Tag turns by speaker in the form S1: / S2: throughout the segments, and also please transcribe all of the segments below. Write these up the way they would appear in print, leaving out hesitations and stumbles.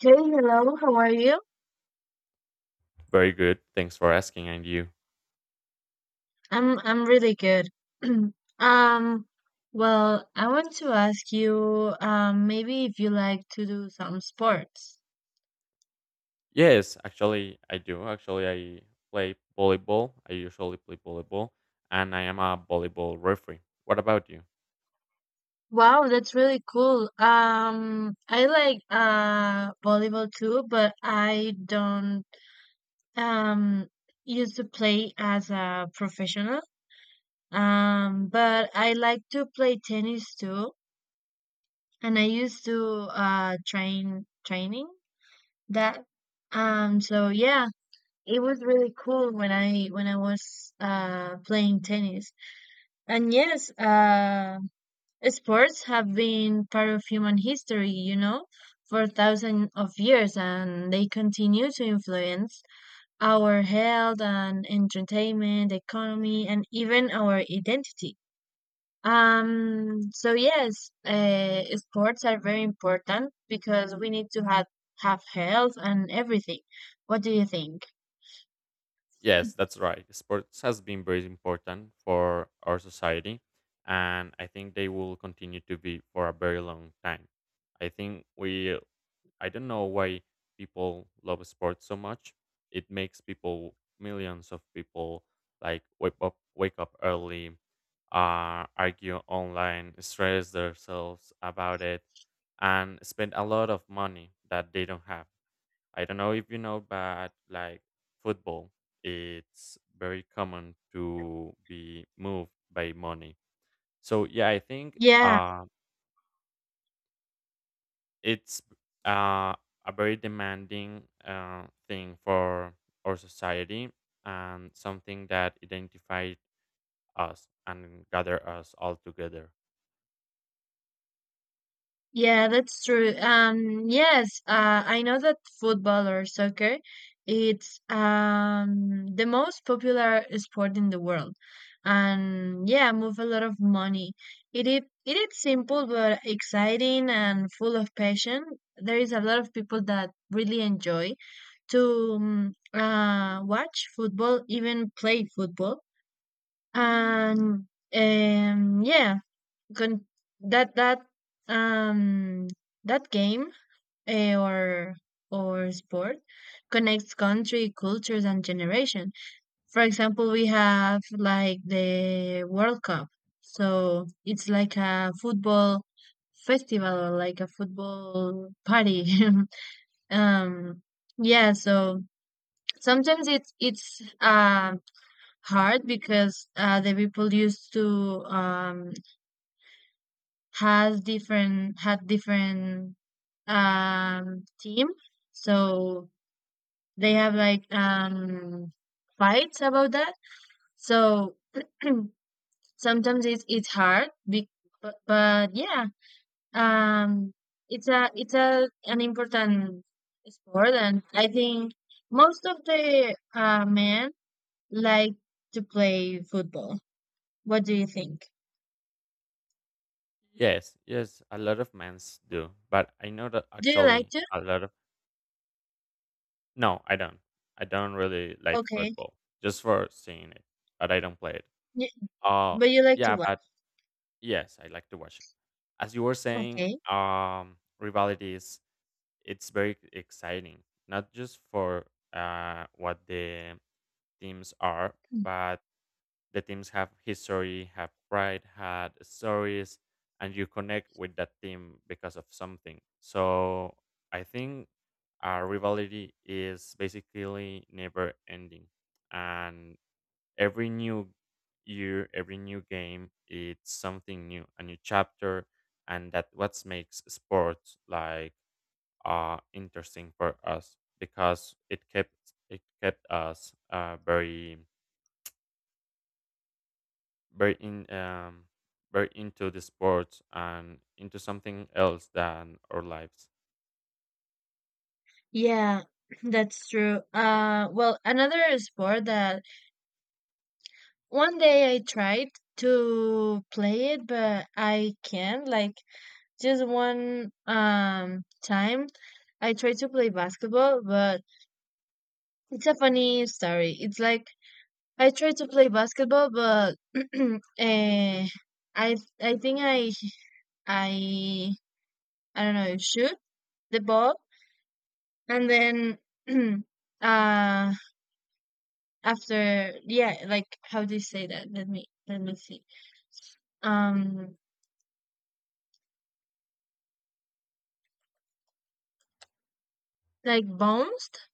S1: Hey, hello. How are you?
S2: Very good. Thanks for asking. And you?
S1: I'm really good. Um, well, I want to ask you, maybe if you like to do some sports.
S2: Yes, actually, I do. Actually, I play volleyball. I usually play volleyball, and I am a volleyball referee. What about you?
S1: Wow, that's really cool. I like volleyball too, but I don't um used to play as a professional. But I like to play tennis too, and I used to train training that. Um, so yeah. It was really cool when I was playing tennis. And yes, sports have been part of human history, for thousands of years, and they continue to influence our health and entertainment, economy, and even our identity. So yes, sports are very important because we need to have health and everything. What do you think?
S2: Yes, that's right. Sports has been very important for our society, and I think they will continue to be for a very long time. I think we I don't know why people love sports so much. It makes people Millions of people like wake up early, argue online, stress themselves about it, and spend a lot of money that they don't have. I don't know if you know, but like football, it's very common to be moved by money. So yeah, I think
S1: Yeah.
S2: it's uh, a very demanding thing for our society and something that identified us and gather us all together.
S1: Yeah, that's true. Yes, I know that football or soccer, it's the most popular sport in the world, and yeah, move a lot of money. It is simple but exciting and full of passion. There is a lot of people that really enjoy to watch football, even play football, and um yeah con- that that um that game, eh, or or sport connects country cultures and generation. For example, we have like the world cup, so it's like a football festival, like a football party. um yeah so Sometimes it's hard because the people used to has different had different team, so they have like fights about that. So sometimes it's hard be, but yeah, um it's a an important sport, and I think most of the men like to play football. What do you think?
S2: Yes, yes, a lot of men's do, but I know that
S1: Do you like
S2: actually
S1: to?
S2: a lot of no, I don't. I don't really like
S1: Okay.
S2: football just for seeing it, but I don't play it.
S1: Y-
S2: Uh
S1: but you like to
S2: yeah,
S1: work?
S2: but Yes, I like to watch it. As you were saying,
S1: Okay.
S2: rivalries it's very exciting, not just for what the teams are, but the teams have history, have pride, had stories, and you connect with that team because of something. So I think our rivalry is basically never ending, and every new year, every new game, it's something new, a new chapter, and that what makes sports like interesting for us because it kept us very very in very into the sports and into something else than our lives.
S1: Yeah, that's true. Well, another sport that one day I tried to play it, but I can't. Like just one time, I tried to play basketball, but it's a funny story. It's like I tried to play basketball, but eh, I think I I don't know shoot the ball, and then uh after, yeah, like, how do you say that? Let me see. Um, like bounced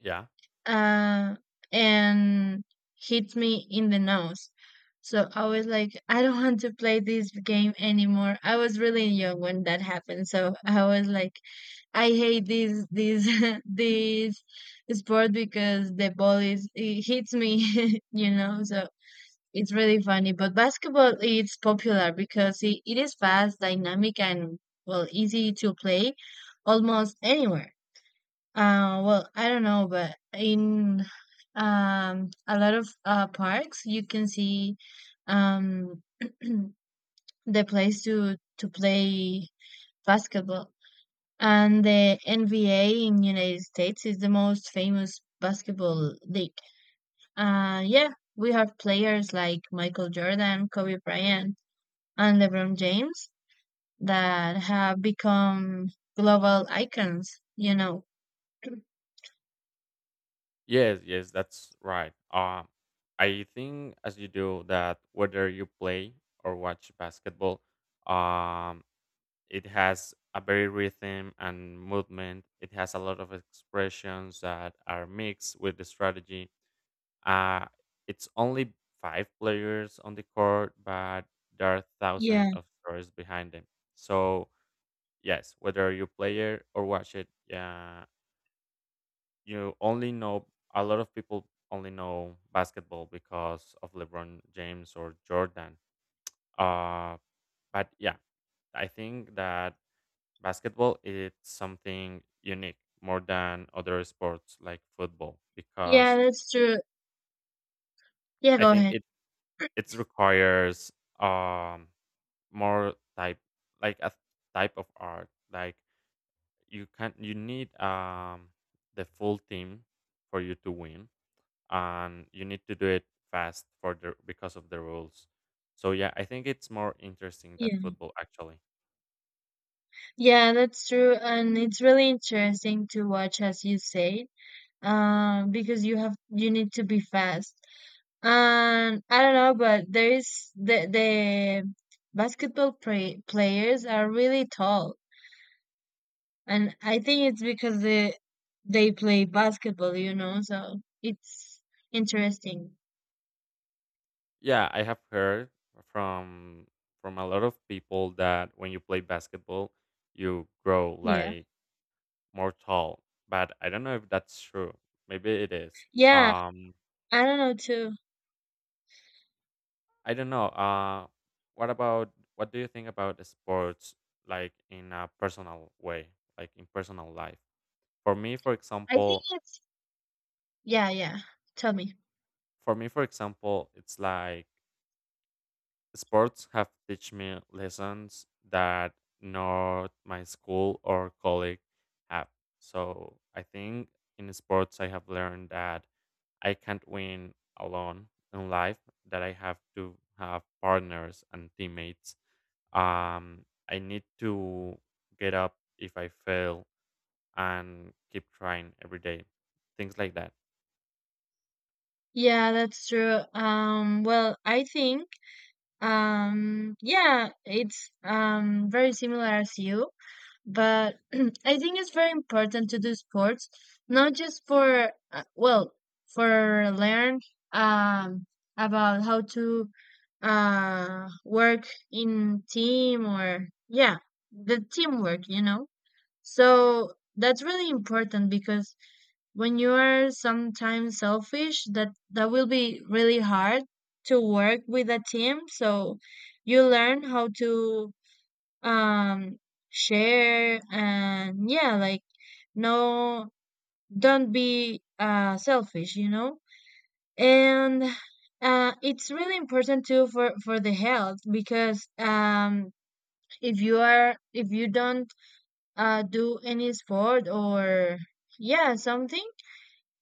S2: Yeah.
S1: uh and hit me in the nose. So I was like, I don't want to play this game anymore. I was really young when that happened. So I was like, I hate this this sport because the ball is it hits me, you know. So it's really funny, but basketball is popular because it is fast, dynamic, and, well, easy to play almost anywhere. Well, I don't know, but in a lot of parks, you can see, um, the place to play basketball. And the NBA in United States is the most famous basketball league. Yeah, we have players like Michael Jordan, Kobe Bryant, and LeBron James that have become global icons, you know.
S2: Yes. Yes. That's right. I think as you do that, whether you play or watch basketball, um, it has a very rhythm and movement. It has a lot of expressions that are mixed with the strategy. Uh, it's only five players on the court, but there are thousands
S1: Yeah.
S2: of stories behind them. So yes, whether you play it or watch it, yeah, you only know a lot of people only know basketball because of LeBron James or Jordan. Uh, but yeah, I think that basketball is something unique more than other sports like football
S1: Yeah,
S2: because
S1: that's true. Yeah,
S2: I
S1: go
S2: think
S1: ahead.
S2: it it requires um more type like a type of art like you need the full team for you to win, and you need to do it fast for the because of the rules. So yeah, I think it's more interesting than
S1: Yeah.
S2: football actually.
S1: Yeah, that's true, and it's really interesting to watch, as you say, because you have you need to be fast. And I don't know, but there is the basketball play, players are really tall, and I think it's because they play basketball, you know. So it's interesting.
S2: Yeah, I have heard from from a lot of people that when you play basketball you grow
S1: Yeah.
S2: like more tall, but I don't know if that's true. Maybe it is.
S1: Yeah,
S2: um
S1: I don't know too.
S2: I don't know. What about what do you think about the sports, like in a personal way, like in personal life? For me, for
S1: I think
S2: example,
S1: it's yeah, yeah. Tell me.
S2: it's like sports have teach me lessons that not my school or colleague have. So I think in sports, I have learned that I can't win alone in life. That I have to have partners and teammates. I need to get up if I fail and keep trying every day. Things like that.
S1: Yeah, that's true. Well, I think yeah, it's very similar as you, but I think it's very important to do sports, not just for well, for learn um about how to work in team, or yeah, the teamwork, you know. So that's really important because when you are sometimes selfish, that will be really hard to work with a team. So you learn how to um share, and yeah, like, no, don't be selfish, you know? And it's really important too for the health, because if you are if you don't do any sport, or yeah, something.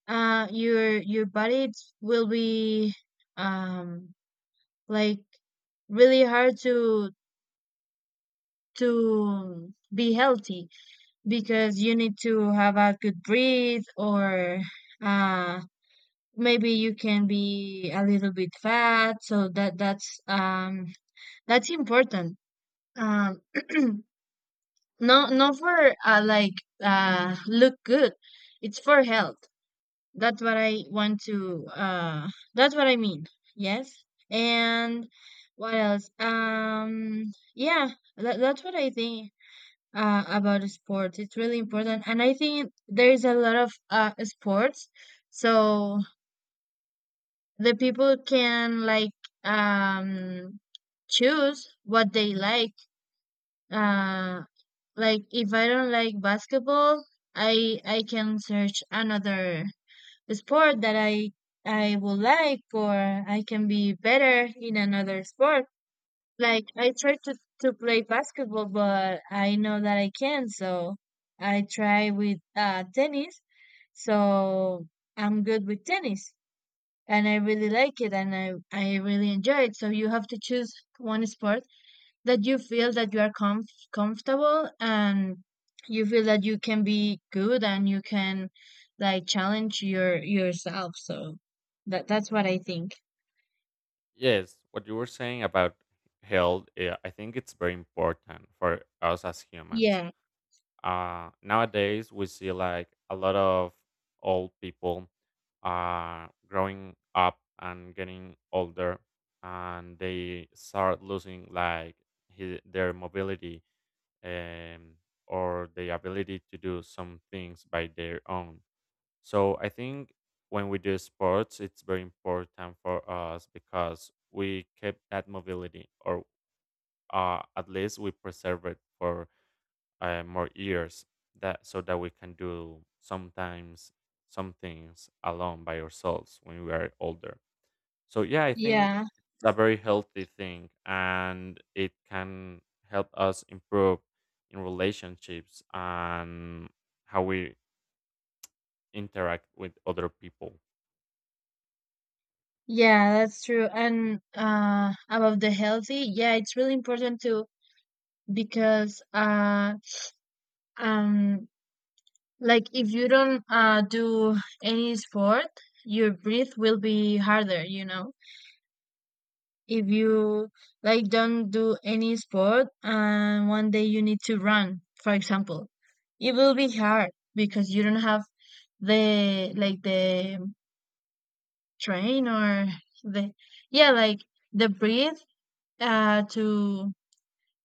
S1: Your body will be um like really hard to be healthy, because you need to have a good breathe, or uh maybe you can be a little bit fat. So that's that's important. um no, not for like, look good, it's for health. That's what I want to that's what I mean. Yes. And what else? Yeah, that's what I think about sports. It's really important, and I think there is a lot of sports, so the people can like um choose what they like. Uh, like, if I don't like basketball, I can search another sport that I would like, or I can be better in another sport. Like, I try to play basketball, but I know that I can, not so I try with tennis. So I'm good with tennis, and I really like it, and I really enjoy it. So you have to choose one sport that you feel that you are comfortable, and you feel that you can be good, and you can like challenge yourself. So that's what I think.
S2: Yes, what you were saying about health, yeah, I think it's very important for us as humans.
S1: Yeah.
S2: Nowadays, we see like a lot of old people are growing up and getting older, and they start losing like their mobility, um, or the ability to do some things by their own. So I think when we do sports, it's very important for us because we keep that mobility, or at least we preserve it for more years. That so that we can do sometimes some things alone by ourselves when we are older. So yeah, I think
S1: Yeah.
S2: it's a very healthy thing, and it can help us improve in relationships and how we interact with other people.
S1: Yeah, that's true, and about the healthy, yeah, it's really important too, because um like, if you don't do any sport, your breath will be harder, you know. If you like don't do any sport and one day you need to run, for example, it will be hard because you don't have the, like, the train, or the, yeah, like, the breath uh to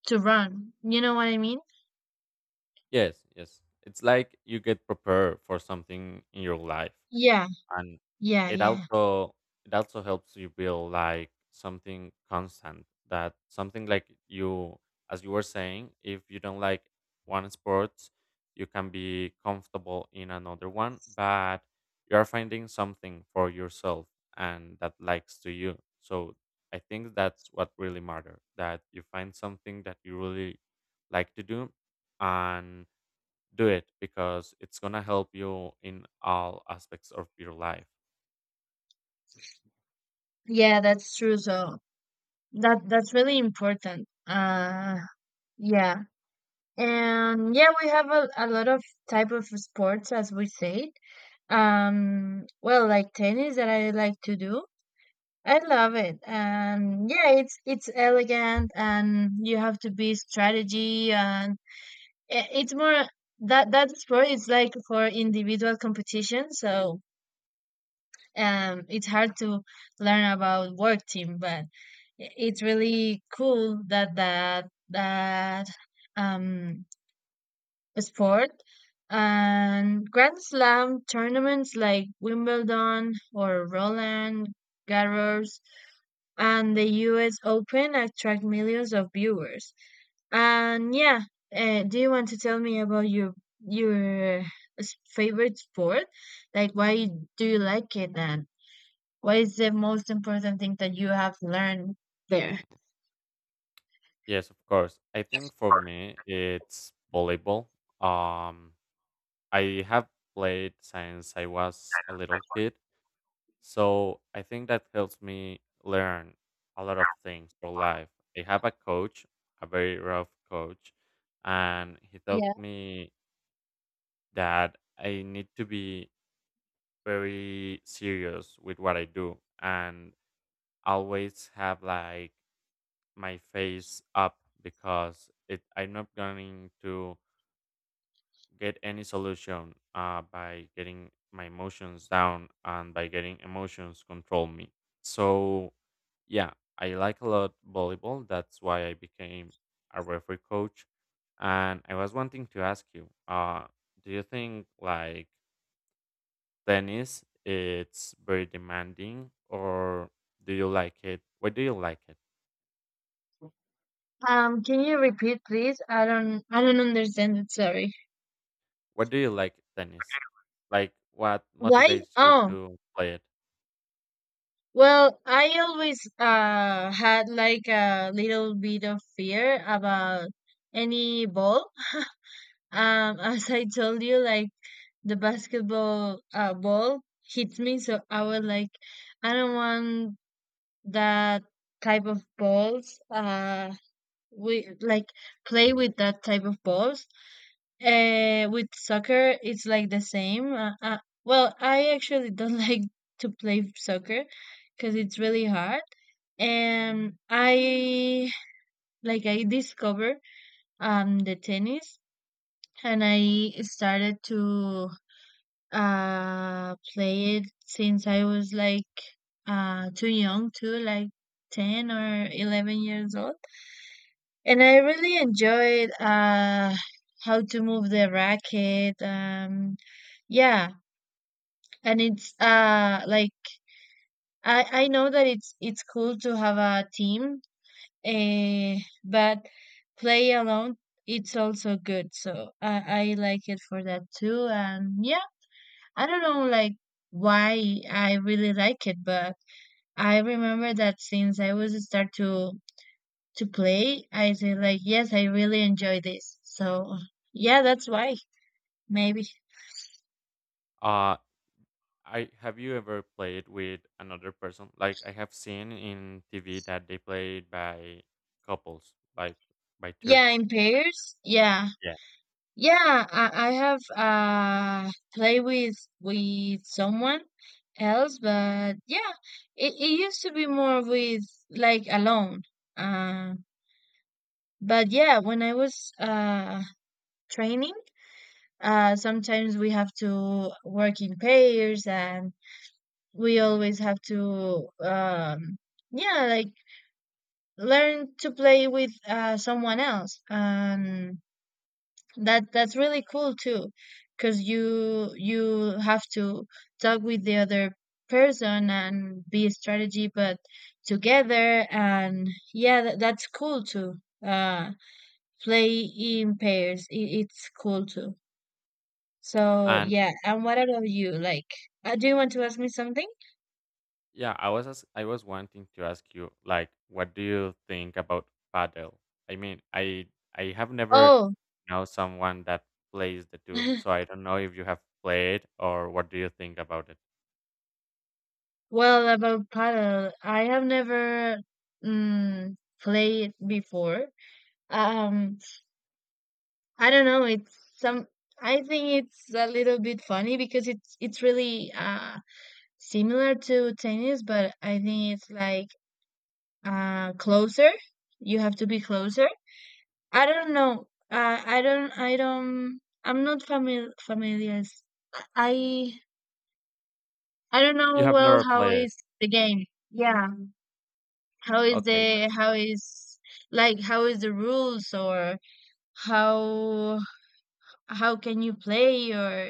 S1: to run. You know what I mean?
S2: Yes, yes. It's like you get prepared for something in your life.
S1: Yeah,
S2: And
S1: yeah,
S2: it
S1: yeah.
S2: also it also helps you build like something constant, that something like, you as you were saying, if you don't like one sports, you can be comfortable in another one, but you are finding something for yourself and that likes to you. So I think that's what really matter, that you find something that you really like to do, and do it because it's going to help you in all aspects of your life.
S1: Yeah, that's true. So that's really important. Uh, yeah. And yeah, we have a lot of type of sports, as we said. Well, like tennis that I like to do. I love it. And yeah, it's elegant, and you have to be strategy, and it's more that that sport is like for individual competition, so it's hard to learn about work team. But it's really cool that um sport. And Grand Slam tournaments like Wimbledon or Roland Garros and the US Open attract millions of viewers. And yeah, do you want to tell me about your favorite sport? Like, why do you like it, and what is the most important thing that you have learned there?
S2: Yes, of course. I think for me, it's volleyball. Um, I have played since I was a little kid, so I think that helps me learn a lot of things for life. I have a coach, a very rough coach, and he taught
S1: Yeah.
S2: me that I need to be very serious with what I do, and always have like my face up because it I'm not going to get any solution by getting my emotions down and by getting emotions control me. So, yeah, I like a lot volleyball. That's why I became a referee coach. And I was wanting to ask you, do you think like tennis it's very demanding or do you like it? What do you like it?
S1: Can you repeat, please? I don't understand it. Sorry.
S2: What do you like tennis? Like what
S1: Why?
S2: motivates you
S1: Oh,
S2: to play it?
S1: well, I always had like a little bit of fear about any ball. As I told you, like, the basketball ball hits me, so I was like, I don't want that type of balls. We like play with that type of balls. With soccer, it's like the same. Well, I actually don't like to play soccer because it's really hard. And I discovered the tennis, and I started to play it since I was like too young too, like 10 or 11 years old. And I really enjoyed how to move the racket. Yeah, and it's like I know that it's cool to have a team, eh, but play alone it's also good. So I like it for that too. And yeah, I don't know like why I really like it, but I remember that since I was start to play, I say like, yes, I really enjoy this. So yeah, that's why maybe.
S2: Uh I have you ever played with another person? Like I have seen in TV that they played by couples, like by two.
S1: Yeah, in pairs. Yeah,
S2: Yeah.
S1: yeah. I have play with someone else. But yeah, it used to be more with like alone. Uh, but yeah, when I was training, sometimes we have to work in pairs. And we always have to yeah like learn to play with someone else. And that's really cool too, because you have to talk with the other person and be a strategy but together. And yeah, that's cool too. Uh, play in pairs, it's cool too. So
S2: And
S1: yeah, and what about you, like, do you want to ask me something?
S2: yeah, I was as I was wanting to ask you, like, what do you think about paddle? I mean, I have never
S1: Oh.
S2: know someone that plays the two, so I don't know if you have played or what do you think about it.
S1: Well, about paddle, I have never, mm, played before. Um, I don't know. It's some. I think it's a little bit funny because it's really similar to tennis, but I think it's like closer. You have to be closer. I don't know. I don't. I don't. I'm not familiar. Familiar. I I don't
S2: You
S1: know
S2: have
S1: well
S2: never
S1: how
S2: played.
S1: is the game. Yeah. how is
S2: Okay,
S1: the
S2: that's
S1: how
S2: right.
S1: is how is the rules or how how can you play? Or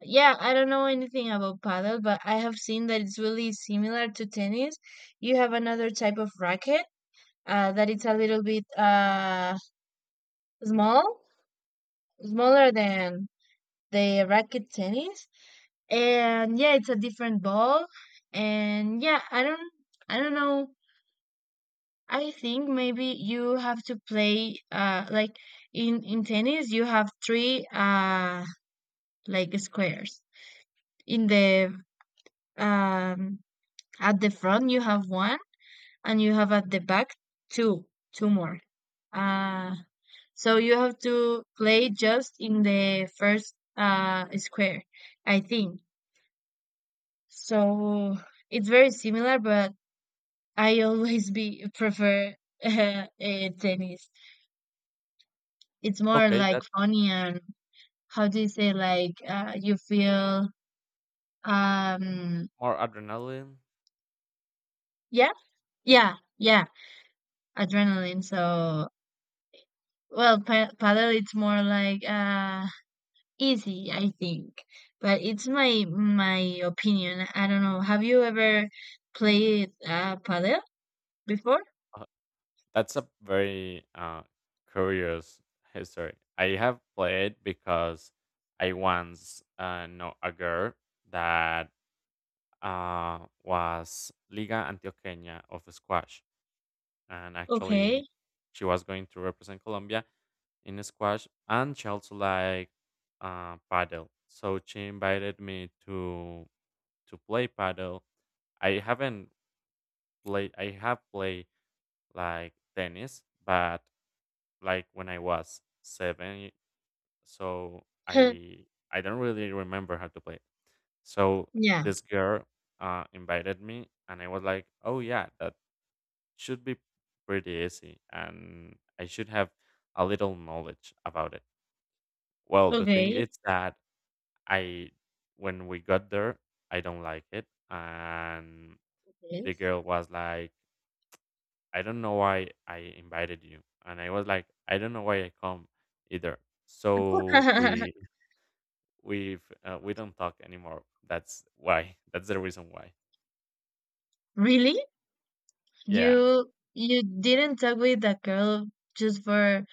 S1: yeah, I don't know anything about paddle, but I have seen that it's really similar to tennis. You have another type of racket, that it's a little bit small smaller than the racket tennis. And yeah, it's a different ball. And yeah, I don't know. I think maybe you have to play like in tennis you have three like squares. In the um at the front you have one, and you have at the back two two more. Uh so you have to play just in the first square, I think. So it's very similar, but I always be prefer uh, tennis. It's more
S2: Okay,
S1: like
S2: that's
S1: funny and how do you say, like you feel, um
S2: more adrenaline.
S1: yeah, yeah, adrenaline. So well, paddle it's more like easy, I think, but it's my opinion. I don't know, have you ever played paddle before?
S2: uh, That's a very curious history. I have played because I once know a girl that was Liga Antioqueña of squash, and
S1: Okay.
S2: actually she was going to represent Colombia in squash, and she also liked paddle. So she invited me to play paddle. I haven't played. I have played like tennis, but like when I was seven. So
S1: Huh,
S2: I don't really remember how to play it. So
S1: yeah.
S2: this girl invited me, and I was like, "Oh yeah, that should be pretty easy, and I should have a little knowledge about it." Well, the thing
S1: Okay.
S2: is that I when we got there, I don't like it, and the
S1: Yes.
S2: girl was like, "I don't know why I invited you," and I was like, "I don't know why I come either." So we've we don't talk anymore. That's why that's the reason why.
S1: Really,
S2: Yeah,
S1: you didn't talk with that girl just for,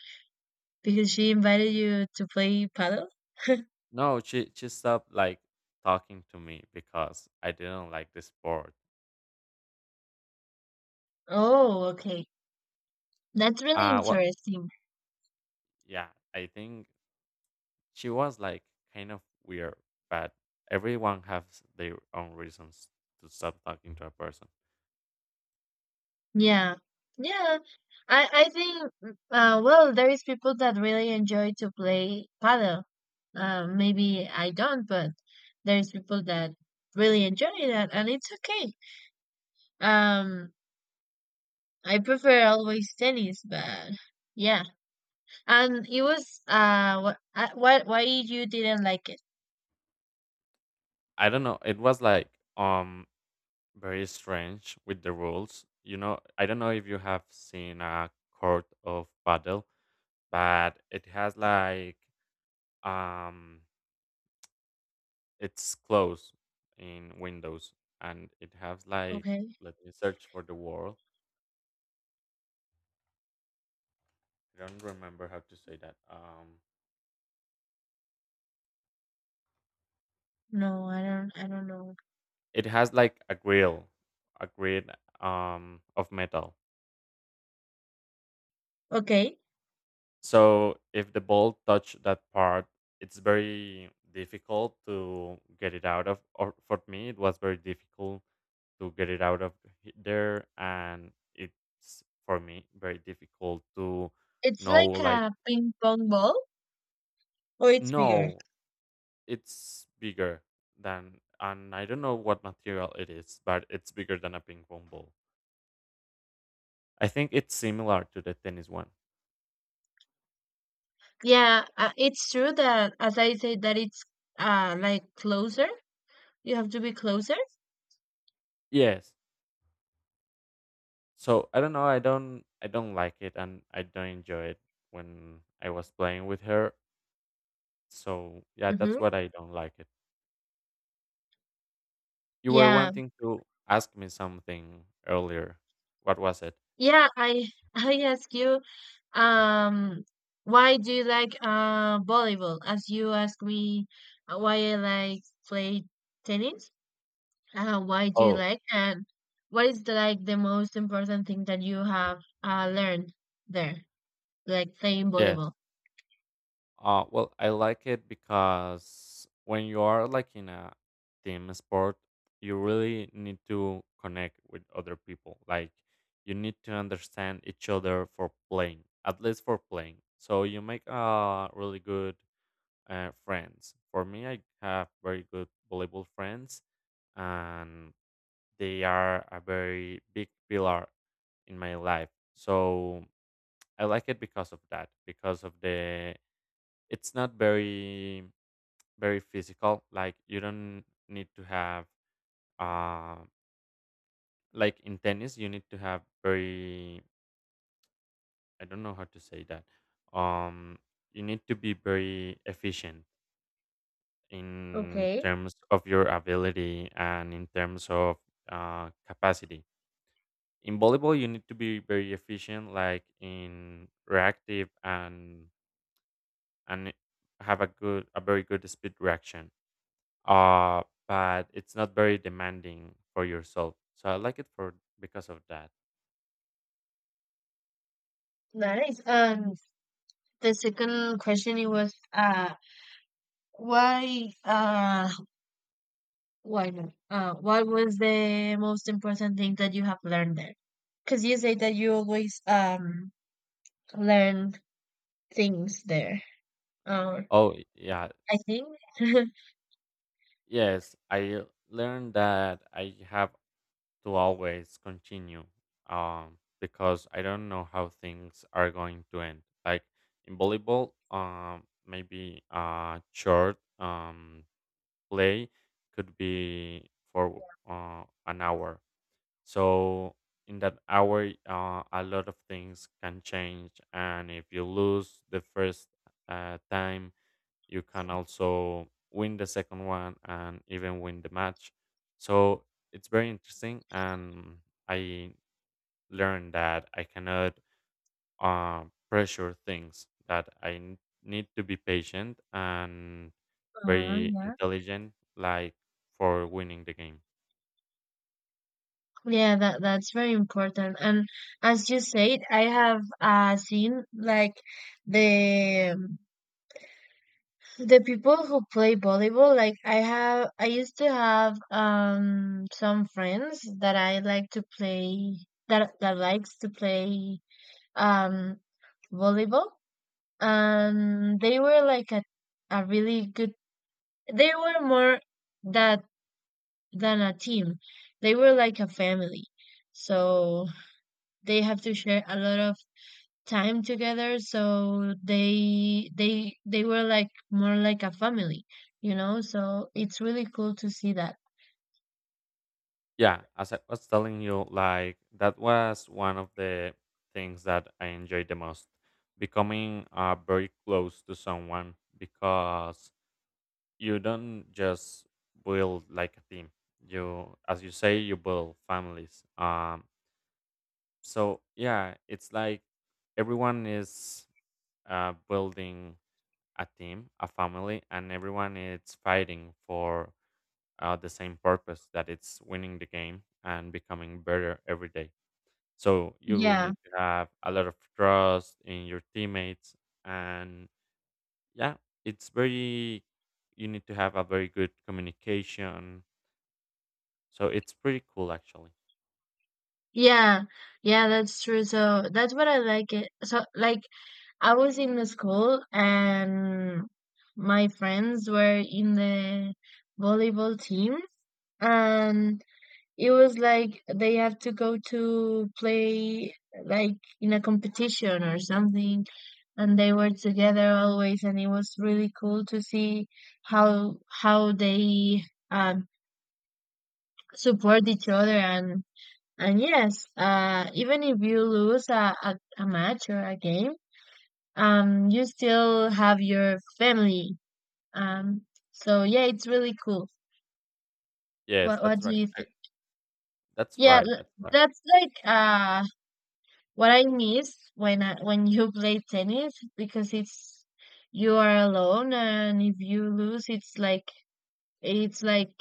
S1: because she invited you to play paddle?
S2: no, she stopped like talking to me because I didn't like the sport.
S1: Oh, okay. That's really
S2: What
S1: interesting.
S2: Yeah, I think she was like kind of weird, but everyone has their own reasons to stop talking to a person.
S1: Yeah. Yeah. I think well, there is people that really enjoy to play paddle. Maybe I don't, but there's people that really enjoy that, and it's okay. Um I prefer always tennis, but yeah. And it was what, why you didn't like it?
S2: I don't know, it was like um very strange with the rules, you know. I don't know if you have seen a court of paddle, but it has like um it's closed in windows, and it has like,
S1: Okay.
S2: let me search for the word, I don't remember how to say that.
S1: No, I don't know.
S2: It has like a grill, a grid of metal.
S1: Okay.
S2: So if the ball touch that part, it's very difficult to get it out of, or for me it was very difficult to get it out of there. And it's for me very difficult to
S1: It's
S2: know
S1: like
S2: like
S1: a ping pong ball, or it's bigger?
S2: no. It's bigger than, and I don't know what material it is, but it's bigger than a ping pong ball. I think it's similar to the tennis one.
S1: Yeah, it's true that, as I said, that it's like closer. You have to be closer.
S2: Yes. So I don't know. I don't. I don't like it, and I don't enjoy it when I was playing with her. So yeah,
S1: Mm-hmm.
S2: that's what I don't like it. You were
S1: Yeah,
S2: wanting to ask me something earlier. What was it?
S1: yeah. I I ask you, um, why do you like volleyball? As you ask me, why I like play tennis. Why do you
S2: Oh
S1: like, and what is the, like the most important thing that you have learned there, like playing
S2: yes.
S1: volleyball?
S2: Well, I like it because when you are like in a team sport, you really need to connect with other people. Like you need to understand each other for playing, at least for playing. So you make really good friends. For me, I have very good volleyball friends, and they are a very big pillar in my life. So I like it because of that, because of the it's not very very physical, like you don't need to have uh like in tennis you need to have very, I don't know how to say that, um you need to be very efficient in
S1: Okay,
S2: terms of your ability and in terms of capacity. In volleyball you need to be very efficient like in reactive, and and have a very good speed reaction, uh, but it's not very demanding for yourself. So I like it for because of that.
S1: nice. The second question it was why, why not? What was the most important thing that you have learned there? Because you say that you always learn things there. Uh,
S2: Oh yeah,
S1: I think.
S2: yes, I learned that I have to always continue, because I don't know how things are going to end. Like in volleyball, maybe a short play could be for an hour. So in that hour, a lot of things can change, and if you lose the first time, you can also win the second one and even win the match. So it's very interesting, and I learned that I cannot pressure things. That need to be patient and very
S1: Yeah.
S2: intelligent, like for winning the game.
S1: Yeah, that that's very important. And as you said, I have seen like the The people who play volleyball, like I have, I used to have some friends that I like to play that likes to play um volleyball, and they were like a really good. They were more that than a team. They were like a family, so they have to share a lot of time together, so they were like more like a family, you know? So it's really cool to see that.
S2: Yeah, as I was telling you, like that was one of the things that I enjoyed the most. Becoming very close to someone, because you don't just build like a team. You, as you say, you build families. So yeah, it's like everyone is building a team, a family, and everyone is fighting for the same purpose, that it's winning the game and becoming better every day. So you
S1: Yeah.
S2: need to have a lot of trust in your teammates. And yeah, it's very, you need to have a very good communication. So it's pretty cool, actually.
S1: Yeah yeah that's true. So that's what I like it. So like I was in the school, and my friends were in the volleyball team. And it was like they have to go to play like in a competition or something, and they were together always, and it was really cool to see how they, um, support each other. And yes, even if you lose a match or a game, you still have your family. Um, so yeah, it's really cool.
S2: Yes,
S1: What
S2: that's
S1: do
S2: right.
S1: you think?
S2: That's
S1: Yeah,
S2: right.
S1: l-
S2: That's right.
S1: that's like what I miss when I, when you play tennis, because it's you are alone, and if you lose it's like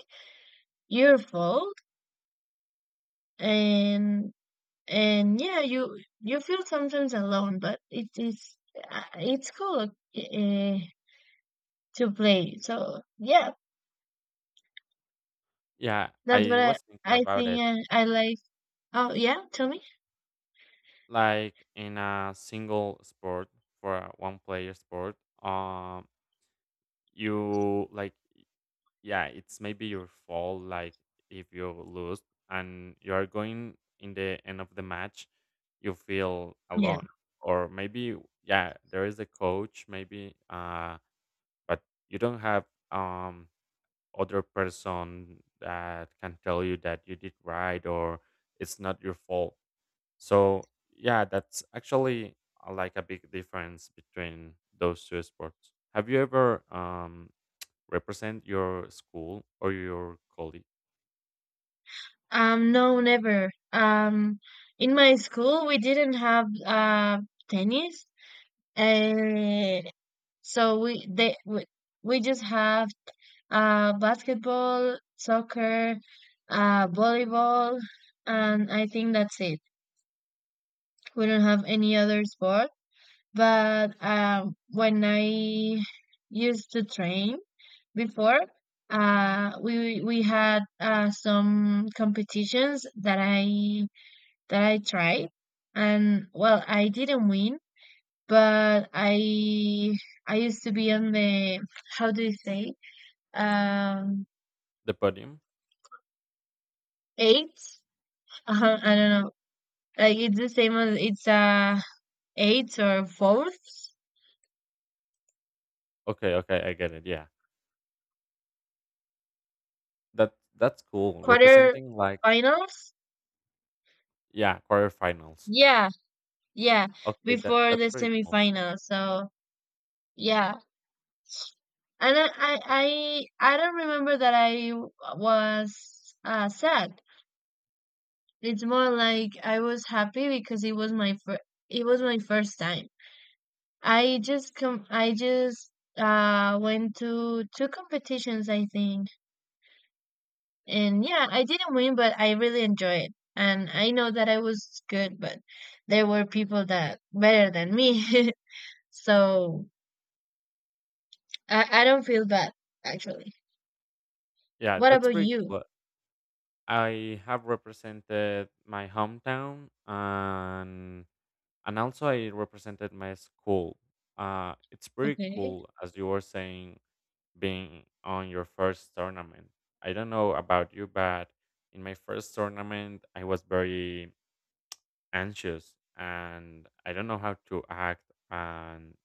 S1: your fault. and and yeah, you feel sometimes alone, but it is it's cool to play, so yeah,
S2: Yeah,
S1: that's what
S2: I
S1: I
S2: was thinking
S1: I
S2: about
S1: think
S2: it.
S1: I like. Oh yeah, tell me.
S2: Like in a single sport, for a one player sport, um, you like yeah, it's maybe your fault. Like if you lose and you are going in the end of the match, you feel
S1: Yeah,
S2: alone, or maybe yeah, there is a coach, maybe, but you don't have um other person that can tell you that you did right or it's not your fault. So yeah, that's actually like a big difference between those two sports. Have you ever represent your school or your college.
S1: no, never. Um, in my school we didn't have tennis. And so we just have basketball, soccer, volleyball, and I think that's it. We don't have any other sport. But when I used to train before, we had some competitions that I tried, and well, I didn't win. But I used to be on the, how do you say, um
S2: The podium.
S1: eight? I don't know. Like it's the same as it's eighth or fourth,
S2: Okay, okay, I get it, yeah. That that's cool
S1: quarter
S2: representing like
S1: finals.
S2: yeah, quarterfinals.
S1: Yeah, yeah.
S2: Okay, that
S1: Before
S2: that's
S1: the
S2: pretty cool.
S1: semifinal. So yeah, and I don't remember that I was sad. It's more like I was happy, because it was my it was my first time. I just com I just went to two competitions, I think. And yeah, I didn't win, but I really enjoyed it. And I know that I was good, but there were people that better than me. So I don't feel bad actually.
S2: Yeah,
S1: What
S2: that's
S1: about
S2: pretty
S1: you?
S2: cool. I have represented my hometown, and also I represented my school. It's pretty
S1: Okay.
S2: cool, as you were saying, being on your first tournament. I don't know about you, but in my first tournament I was very anxious and I don't know how to act. And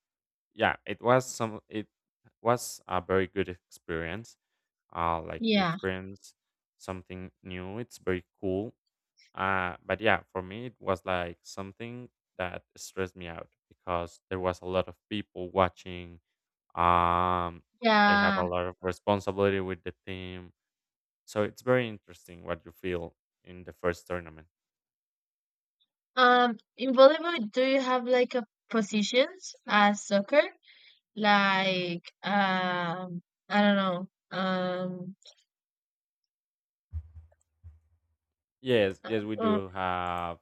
S2: yeah, it was some it was a very good experience. Like you
S1: Yeah.
S2: experience something new, it's very cool. But yeah, for me it was like something that stressed me out because there was a lot of people watching. um I have
S1: Yeah.
S2: a lot of responsibility with the team, so it's very interesting what you feel in the first tournament.
S1: Um, in volleyball do you have like a positions as soccer? Like I don't know. Um,
S2: Yes, yes, we
S1: uh,
S2: do have,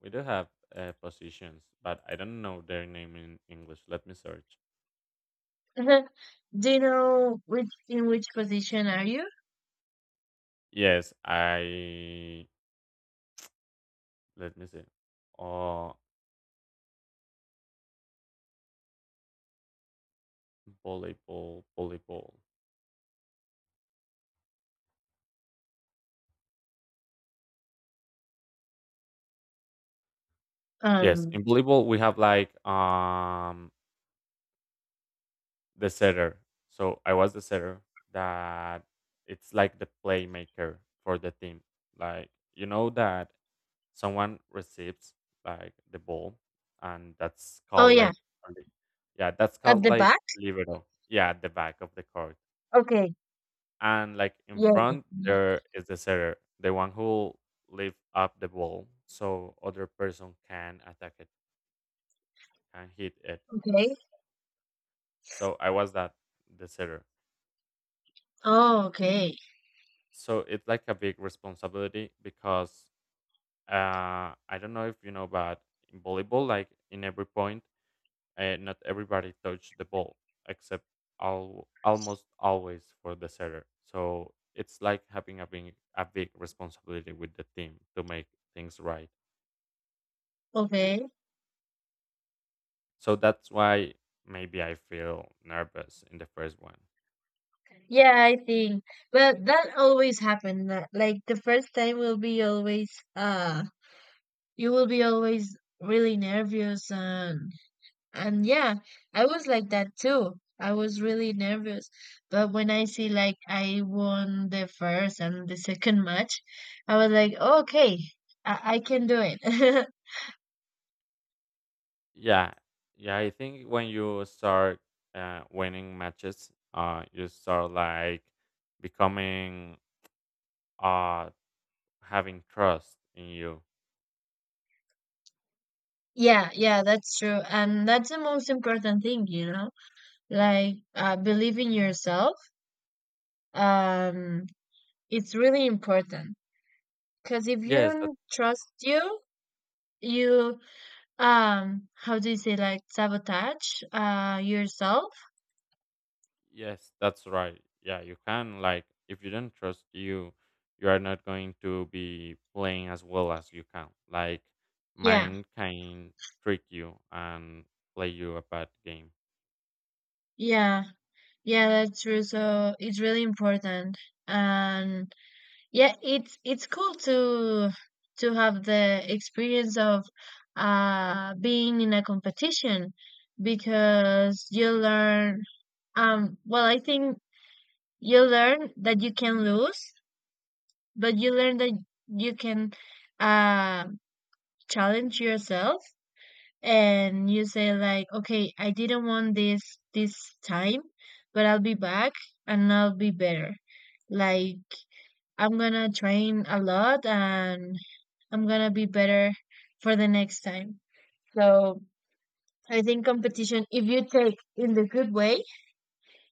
S2: we do have positions, but I don't know their name in English. Let me search.
S1: do you know which in which position are you?
S2: Yes, I let me see. Oh, volleyball, volleyball. Yes,
S1: Um.
S2: in volleyball we have like the setter. So I was the setter, that it's like the playmaker for the team. Like you know that someone receives like the ball, and that's
S1: Oh
S2: called
S1: yeah,
S2: like on the- yeah, that's
S1: at
S2: called
S1: the
S2: like
S1: back.
S2: libero, yeah, at the back of the court.
S1: Okay.
S2: And like in
S1: Yeah.
S2: front there is the setter, the one who lift up the ball so other person can attack it, can hit it.
S1: Okay.
S2: So I was that, the setter.
S1: Oh, okay.
S2: So it's like a big responsibility, because I don't know if you know, but in volleyball, like in every point, and not everybody touched the ball except almost always for the setter. So it's like having a big responsibility with the team to make things right.
S1: Okay.
S2: So that's why maybe I feel nervous in the first one.
S1: Yeah, I think. Well, that always happen. That- like the first time will be always. You will be always really nervous. And yeah, I was like that too. I was really nervous. But when I see like I won the first and the second match, I was like, okay, I can do it.
S2: Yeah, yeah. I think when you start winning matches, you start like becoming uh having trust in you.
S1: Yeah, yeah, that's true. And that's the most important thing, you know? Like believe in yourself. Um, it's really important, because if you
S2: Yes,
S1: don't trust you, you how do you say, like sabotage yourself?
S2: yes, that's right. Yeah, you can, like if you don't trust you, you are not going to be playing as well as you can. Like
S1: Yeah,
S2: mind can trick you and play you a bad game.
S1: yeah. Yeah, that's true. So it's really important. And yeah, it's cool to have the experience of being in a competition, because you learn well, I think you learn that you can lose, but you learn that you can uh challenge yourself. And you say like, okay, I didn't want this time, but I'll be back, and I'll be better. Like, I'm gonna train a lot, and I'm gonna be better for the next time. So I think competition, if you take in the good way,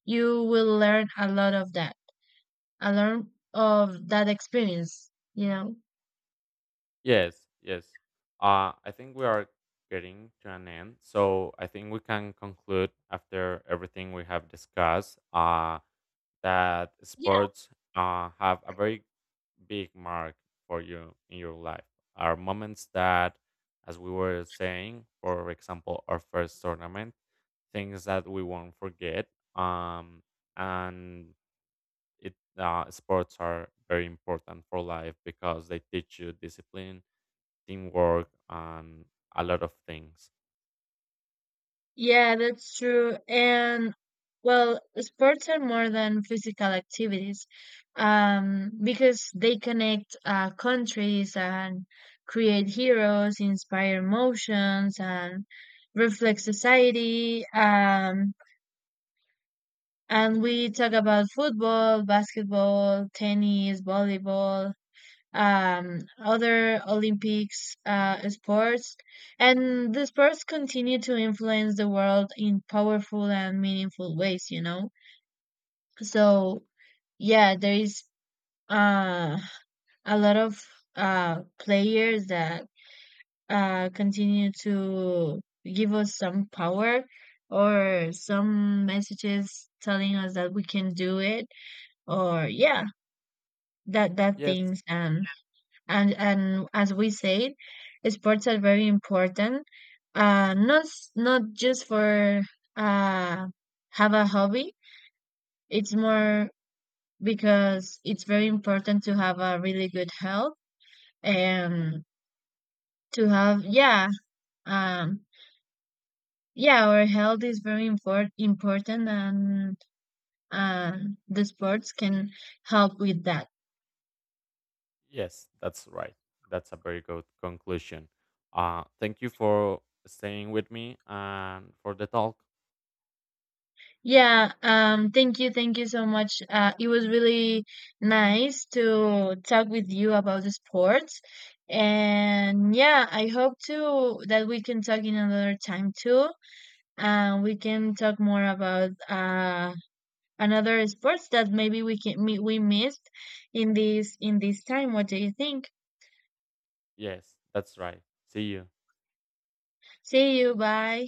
S1: you will learn a lot of that, a lot of that experience, you know?
S2: Yes, yes. I think we are getting to an end. So I think we can conclude, after everything we have discussed, that
S1: Yeah,
S2: sports have a very big mark for you in your life, are moments that, as we were saying, for example our first tournament, things that we won't forget. um and it sports are very important for life because they teach you discipline, teamwork, and a lot of things.
S1: yeah, that's true. And well, sports are more than physical activities, because they connect countries and create heroes, inspire emotions, and reflect society. And we talk about football, basketball, tennis, volleyball, other Olympics sports, and the sports continue to influence the world in powerful and meaningful ways. You know, so yeah, there is uh, a lot of players that continue to give us some power or some messages telling us that we can do it, or yeah, that that
S2: Yes,
S1: things. And and as we said, sports are very important. Not s- not just for uh have a hobby. It's more because it's very important to have a really good health, and to have yeah um yeah, our health is very important. And uh, the sports can help with that.
S2: yes, that's right. That's a very good conclusion. Thank you for staying with me and for the talk.
S1: Yeah, thank you so much. It was really nice to talk with you about the sports. And yeah, I hope too that we can talk in another time too. And we can talk more about another sports that maybe we missed in this time. What do you think?
S2: Yes, that's right. See you.
S1: See you, bye.